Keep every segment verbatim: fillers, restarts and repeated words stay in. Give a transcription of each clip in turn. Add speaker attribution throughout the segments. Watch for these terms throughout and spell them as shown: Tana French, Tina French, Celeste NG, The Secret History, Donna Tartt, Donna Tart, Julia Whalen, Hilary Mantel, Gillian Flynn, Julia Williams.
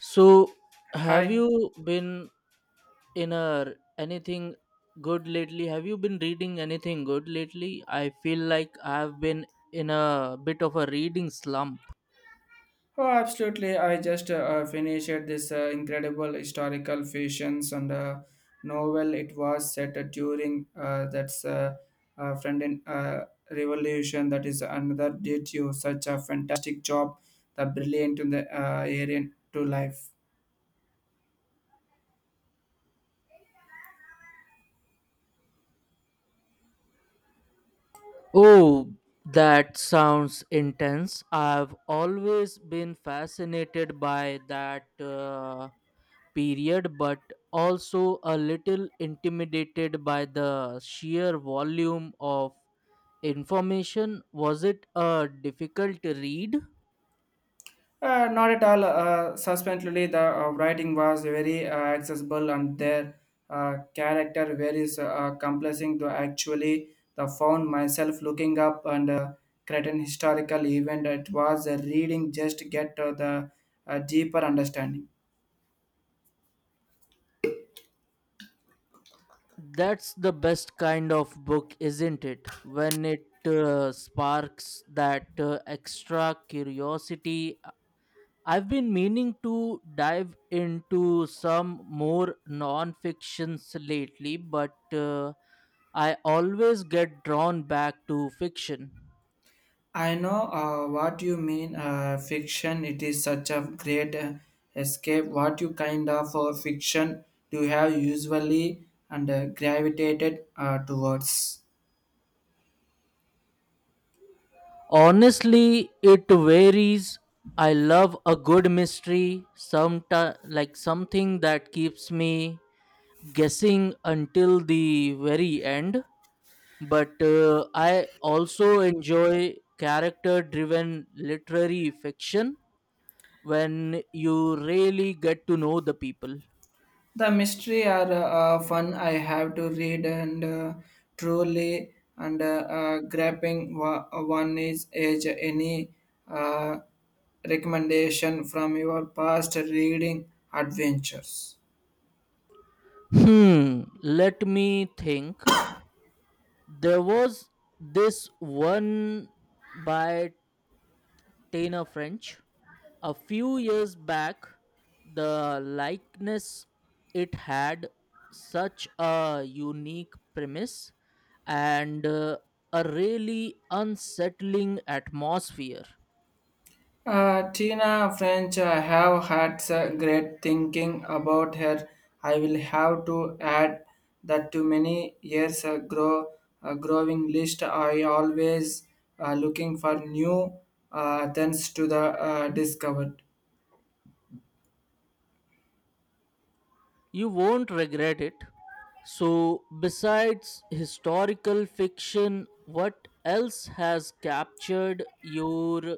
Speaker 1: So, have
Speaker 2: Hi.
Speaker 1: you been in a anything good lately? Have you been reading anything good lately? I feel like I've been in a bit of a reading slump.
Speaker 2: Oh, absolutely. I just uh, uh, finished this uh, incredible historical fictions and uh, novel. It was set uh, during uh, that's uh, uh, friend in uh, revolution. That is another did you such a fantastic job, the brilliant in the uh, area to life.
Speaker 1: Oh, that sounds intense. I've always been fascinated by that uh, period, but also a little intimidated by the sheer volume of information. Was it a difficult read?
Speaker 2: Uh, not at all. Uh, subsequently, the uh, writing was very uh, accessible, and their uh, character varies uh, complexing to actually. The found myself looking up and uh, creating historical event. It was a reading just to get uh, the uh, deeper understanding.
Speaker 1: That's the best kind of book, isn't it? When it uh, sparks that uh, extra curiosity. I've been meaning to dive into some more non fictions lately, but uh, I always get drawn back to fiction.
Speaker 2: I know uh, what you mean. Uh, fiction. It is such a great uh, escape. What you kind of uh, fiction do you have usually and uh, gravitated uh, towards?
Speaker 1: Honestly, it varies. I love a good mystery, some like something that keeps me guessing until the very end but uh, i also enjoy character driven literary fiction when you really get to know the people.
Speaker 2: The mystery are uh, fun. I have to read and uh, truly and uh, uh, grabbing wa- uh, one is age. Any uh, recommendation from your past reading adventures?
Speaker 1: Hmm let me think. There was this one by Tana French a few years back, the likeness. It had such a unique premise and uh, a really unsettling atmosphere.
Speaker 2: Uh, Tina French, I have had s- great thinking about her. I will have to add that to many years uh, grow uh, growing list. I always uh, looking for new uh, things to the uh, discovered.
Speaker 1: You won't regret it. So, besides historical fiction, what else has captured your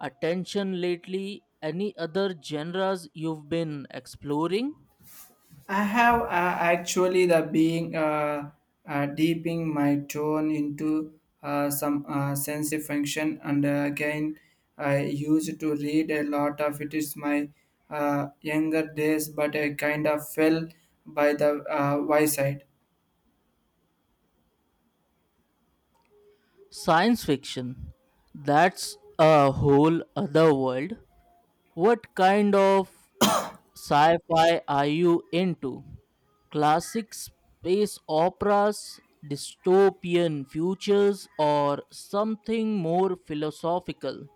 Speaker 1: attention lately? Any other genres you've been exploring?
Speaker 2: I have uh, actually the being uh, uh, deeping my tone into uh, some uh, sensory function, and uh, again, I used to read a lot of it. Is my uh, younger days, but I kind of fell by the uh, wayside.
Speaker 1: Science fiction. That's a whole other world. What kind of sci-fi are you into? Classic space operas, dystopian futures, or something more philosophical?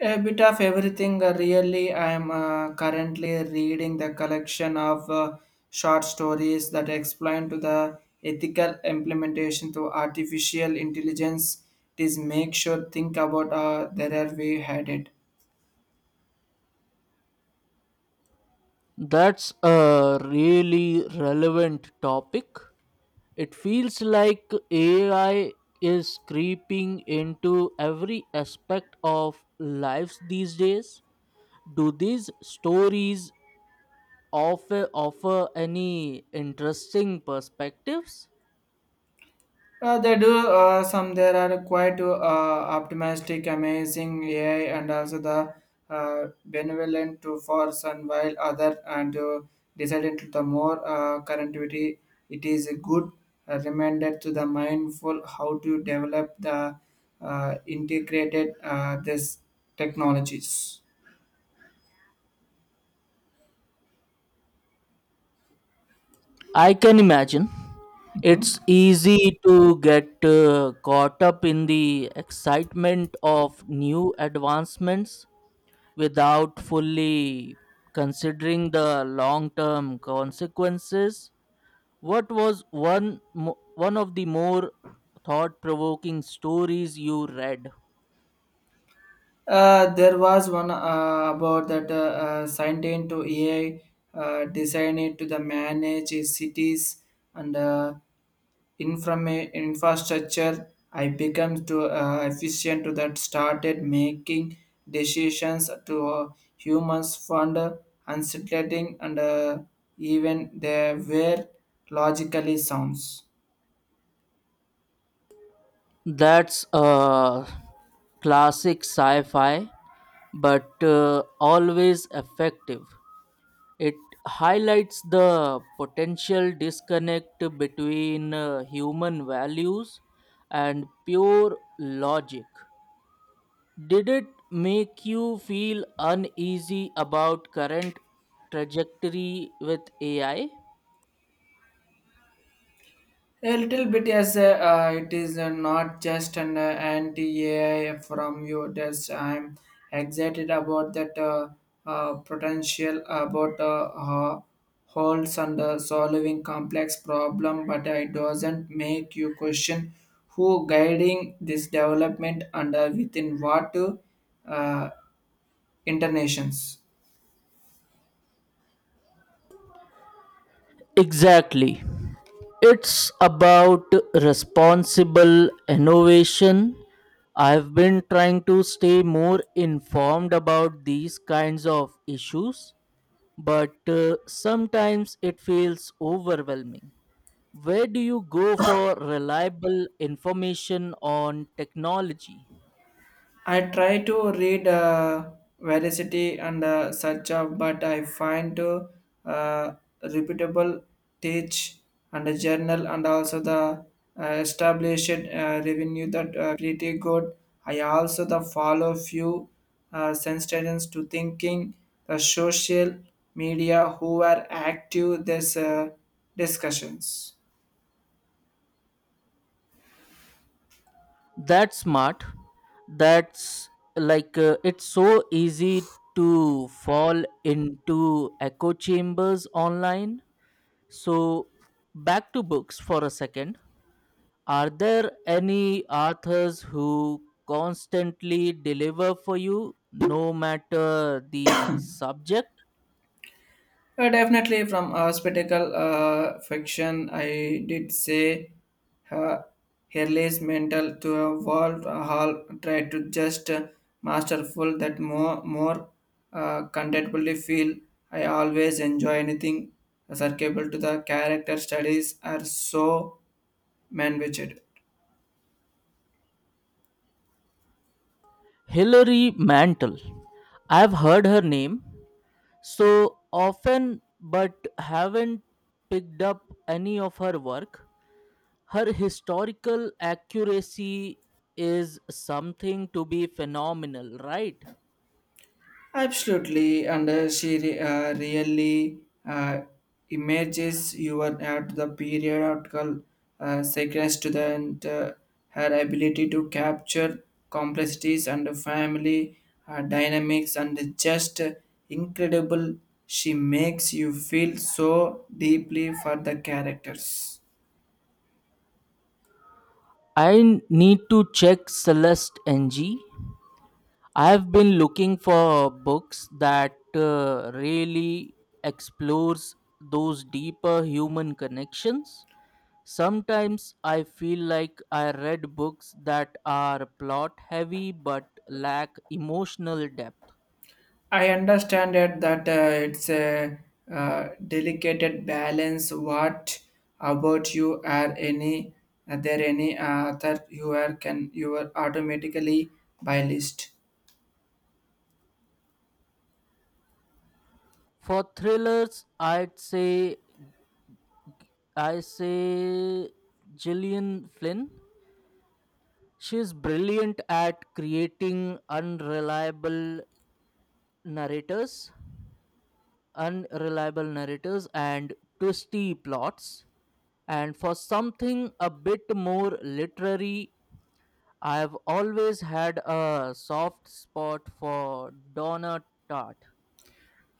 Speaker 2: A bit of everything, uh, really. I am uh, currently reading the collection of uh, short stories that explain to the ethical implementation to artificial intelligence. It is make sure think about uh, there are way headed.
Speaker 1: That's a really relevant topic. It feels like A I is creeping into every aspect of lives these days. Do these stories offer, offer any interesting perspectives?
Speaker 2: Uh, they do uh, some. There are quite uh, optimistic, amazing A I, and also the uh, benevolent to force. And while other and uh, decided to the more uh, connectivity. It is a good uh, reminder to the mindful how to develop the uh, integrated uh, this technologies.
Speaker 1: I can imagine. It's easy to get uh, caught up in the excitement of new advancements without fully considering the long term consequences. What was one, mo- one of the more thought provoking stories you read?
Speaker 2: Uh, there was one uh, about that uh, uh, signed into A I, uh, designed to the manage its cities and uh, informa- infrastructure. I become to uh, efficient to that started making decisions to uh, humans fund unsettling and uh, even they were logically sounds.
Speaker 1: That's a classic sci fi, but uh, always effective. It highlights the potential disconnect between uh, human values and pure logic. Did it make you feel uneasy about current trajectory with A I?
Speaker 2: A little bit, yes. Uh, uh, it is uh, not just an uh, anti-A I from you. That's I'm excited about that uh, uh, potential about uh, uh, holes and uh, solving complex problem, but it doesn't make you question who guiding this development and uh, within what uh, uh, internations.
Speaker 1: Exactly. It's about responsible innovation. I've been trying to stay more informed about these kinds of issues but uh, sometimes it feels overwhelming. Where do you go for reliable information on technology?
Speaker 2: I try to read uh, Veracity and uh, such of, but I find to uh, reputable teach and a journal and also the uh, established uh, revenue that uh, pretty good. I also the follow few uh, sensations to thinking the social media who are active this uh, discussions.
Speaker 1: That's smart. That's like uh, It's so easy to fall into echo chambers online. So, back to books for a second. Are there any authors who constantly deliver for you no matter the subject?
Speaker 2: Uh, definitely from uh, spectacle uh, fiction, I did say her Hurley's mental to a world hall tried to just uh, masterful that more more uh, contentfully feel. I always enjoy anything circable to the character studies are so man-witched.
Speaker 1: Hilary Mantel. I've heard her name so often but haven't picked up any of her work. Her historical accuracy is something to be phenomenal, right?
Speaker 2: Absolutely, and uh, she re- uh, really uh, images you were at the periodical uh, sequence to the and, uh, her ability to capture complexities and family uh, dynamics and just incredible. She makes you feel so deeply for the characters.
Speaker 1: I need to check Celeste N G. I've been looking for books that uh, really explores those deeper human connections. Sometimes I feel like I read books that are plot heavy but lack emotional depth.
Speaker 2: I understand it that uh, it's a uh, delicate balance. What about you? Are any are there any uh, other you are can you are automatically by list?
Speaker 1: For thrillers, I'd say I say Gillian Flynn. She's brilliant at creating unreliable narrators, unreliable narrators and twisty plots. And for something a bit more literary I've always had a soft spot for Donna Tart.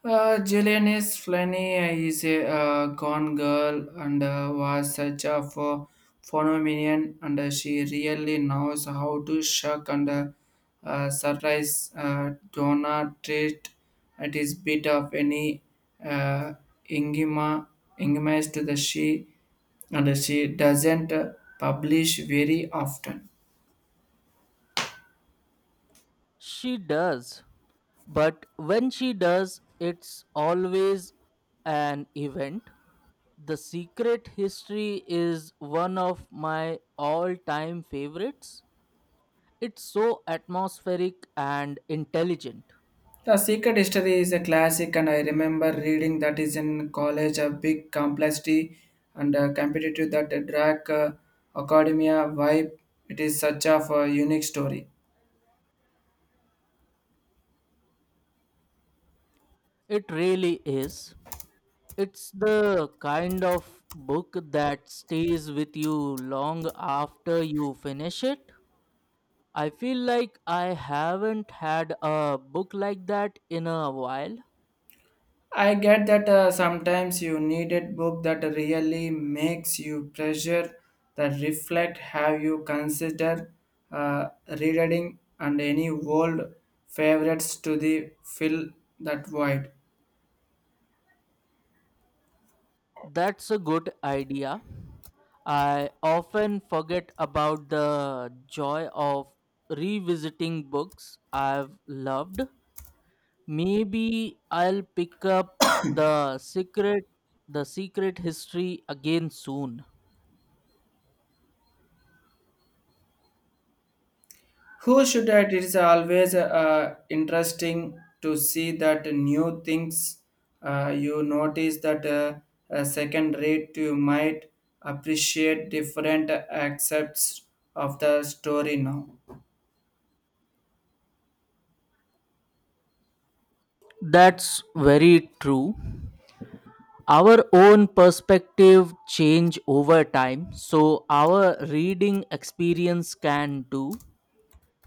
Speaker 2: Uh, Jillian Flanny is a uh, gone girl and uh, was such a ph- phenomenon, and uh, she really knows how to shock and uh, uh, surprise uh, Donna treat at his bit of any uh, Ingema Ingema is to the she, and she doesn't uh, publish very often.
Speaker 1: She does, but when she does, it's always an event. The Secret History is one of my all time favorites. It's so atmospheric and intelligent.
Speaker 2: The Secret History is a classic, and I remember reading that is in college a big complexity and uh, competitive that drag uh, academia vibe. It is such of a unique story.
Speaker 1: It really is. It's the kind of book that stays with you long after you finish it. I feel like I haven't had a book like that in a while.
Speaker 2: I get that uh, sometimes you need a book that really makes you pressure that reflect. Have you considered uh, rereading and any old favorites to the fill that void?
Speaker 1: That's a good idea. I often forget about the joy of revisiting books I've loved. Maybe I'll pick up the secret the secret history again soon.
Speaker 2: Who should it is always uh, interesting to see that new things uh, you notice that uh, uh, second rate you might appreciate different aspects of the story now.
Speaker 1: That's very true. Our own perspective change over time, so our reading experience can too.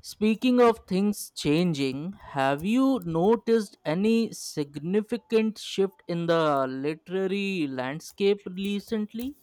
Speaker 1: Speaking of things changing, have you noticed any significant shift in the literary landscape recently?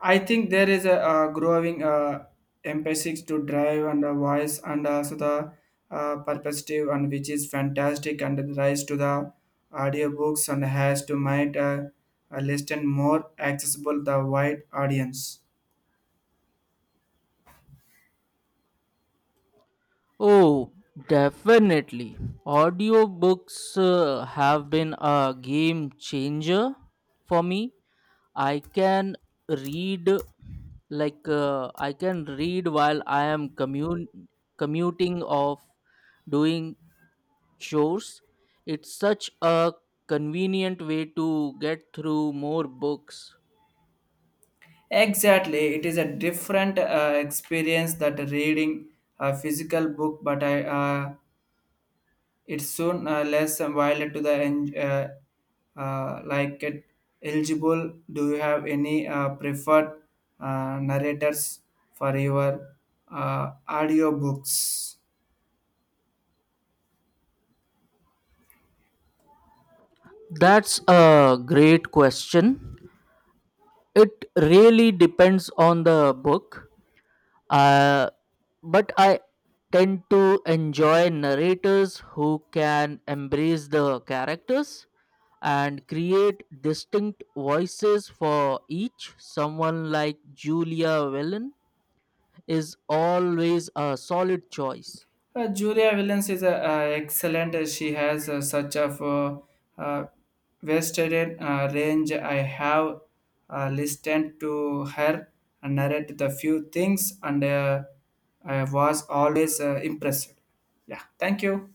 Speaker 2: I think there is a uh, growing uh, emphasis to drive and a voice and also the uh, perspective and which is fantastic and the rise to the audiobooks and has to make uh, a listen more accessible the wide audience.
Speaker 1: Oh, definitely. Audiobooks uh, have been a game changer for me. I can read like uh, I can read while I am commute commuting of doing chores. It's such a convenient way to get through more books.
Speaker 2: Exactly, it is a different uh, experience that reading a physical book, but I uh, it's soon uh, less violent to the en- uh, uh, like it eligible. Do you have any uh, preferred uh, narrators for your uh, audiobooks?
Speaker 1: That's a great question. It really depends on the book. Uh, but I tend to enjoy narrators who can embrace the characters and create distinct voices for each. Someone like Julia Whalen is always a solid choice.
Speaker 2: Uh, Julia Williams is a, uh, excellent. She has uh, such a uh, uh, vested uh, range. I have uh, listened to her and narrate the few things, and uh, I was always uh, impressed. Yeah, thank you.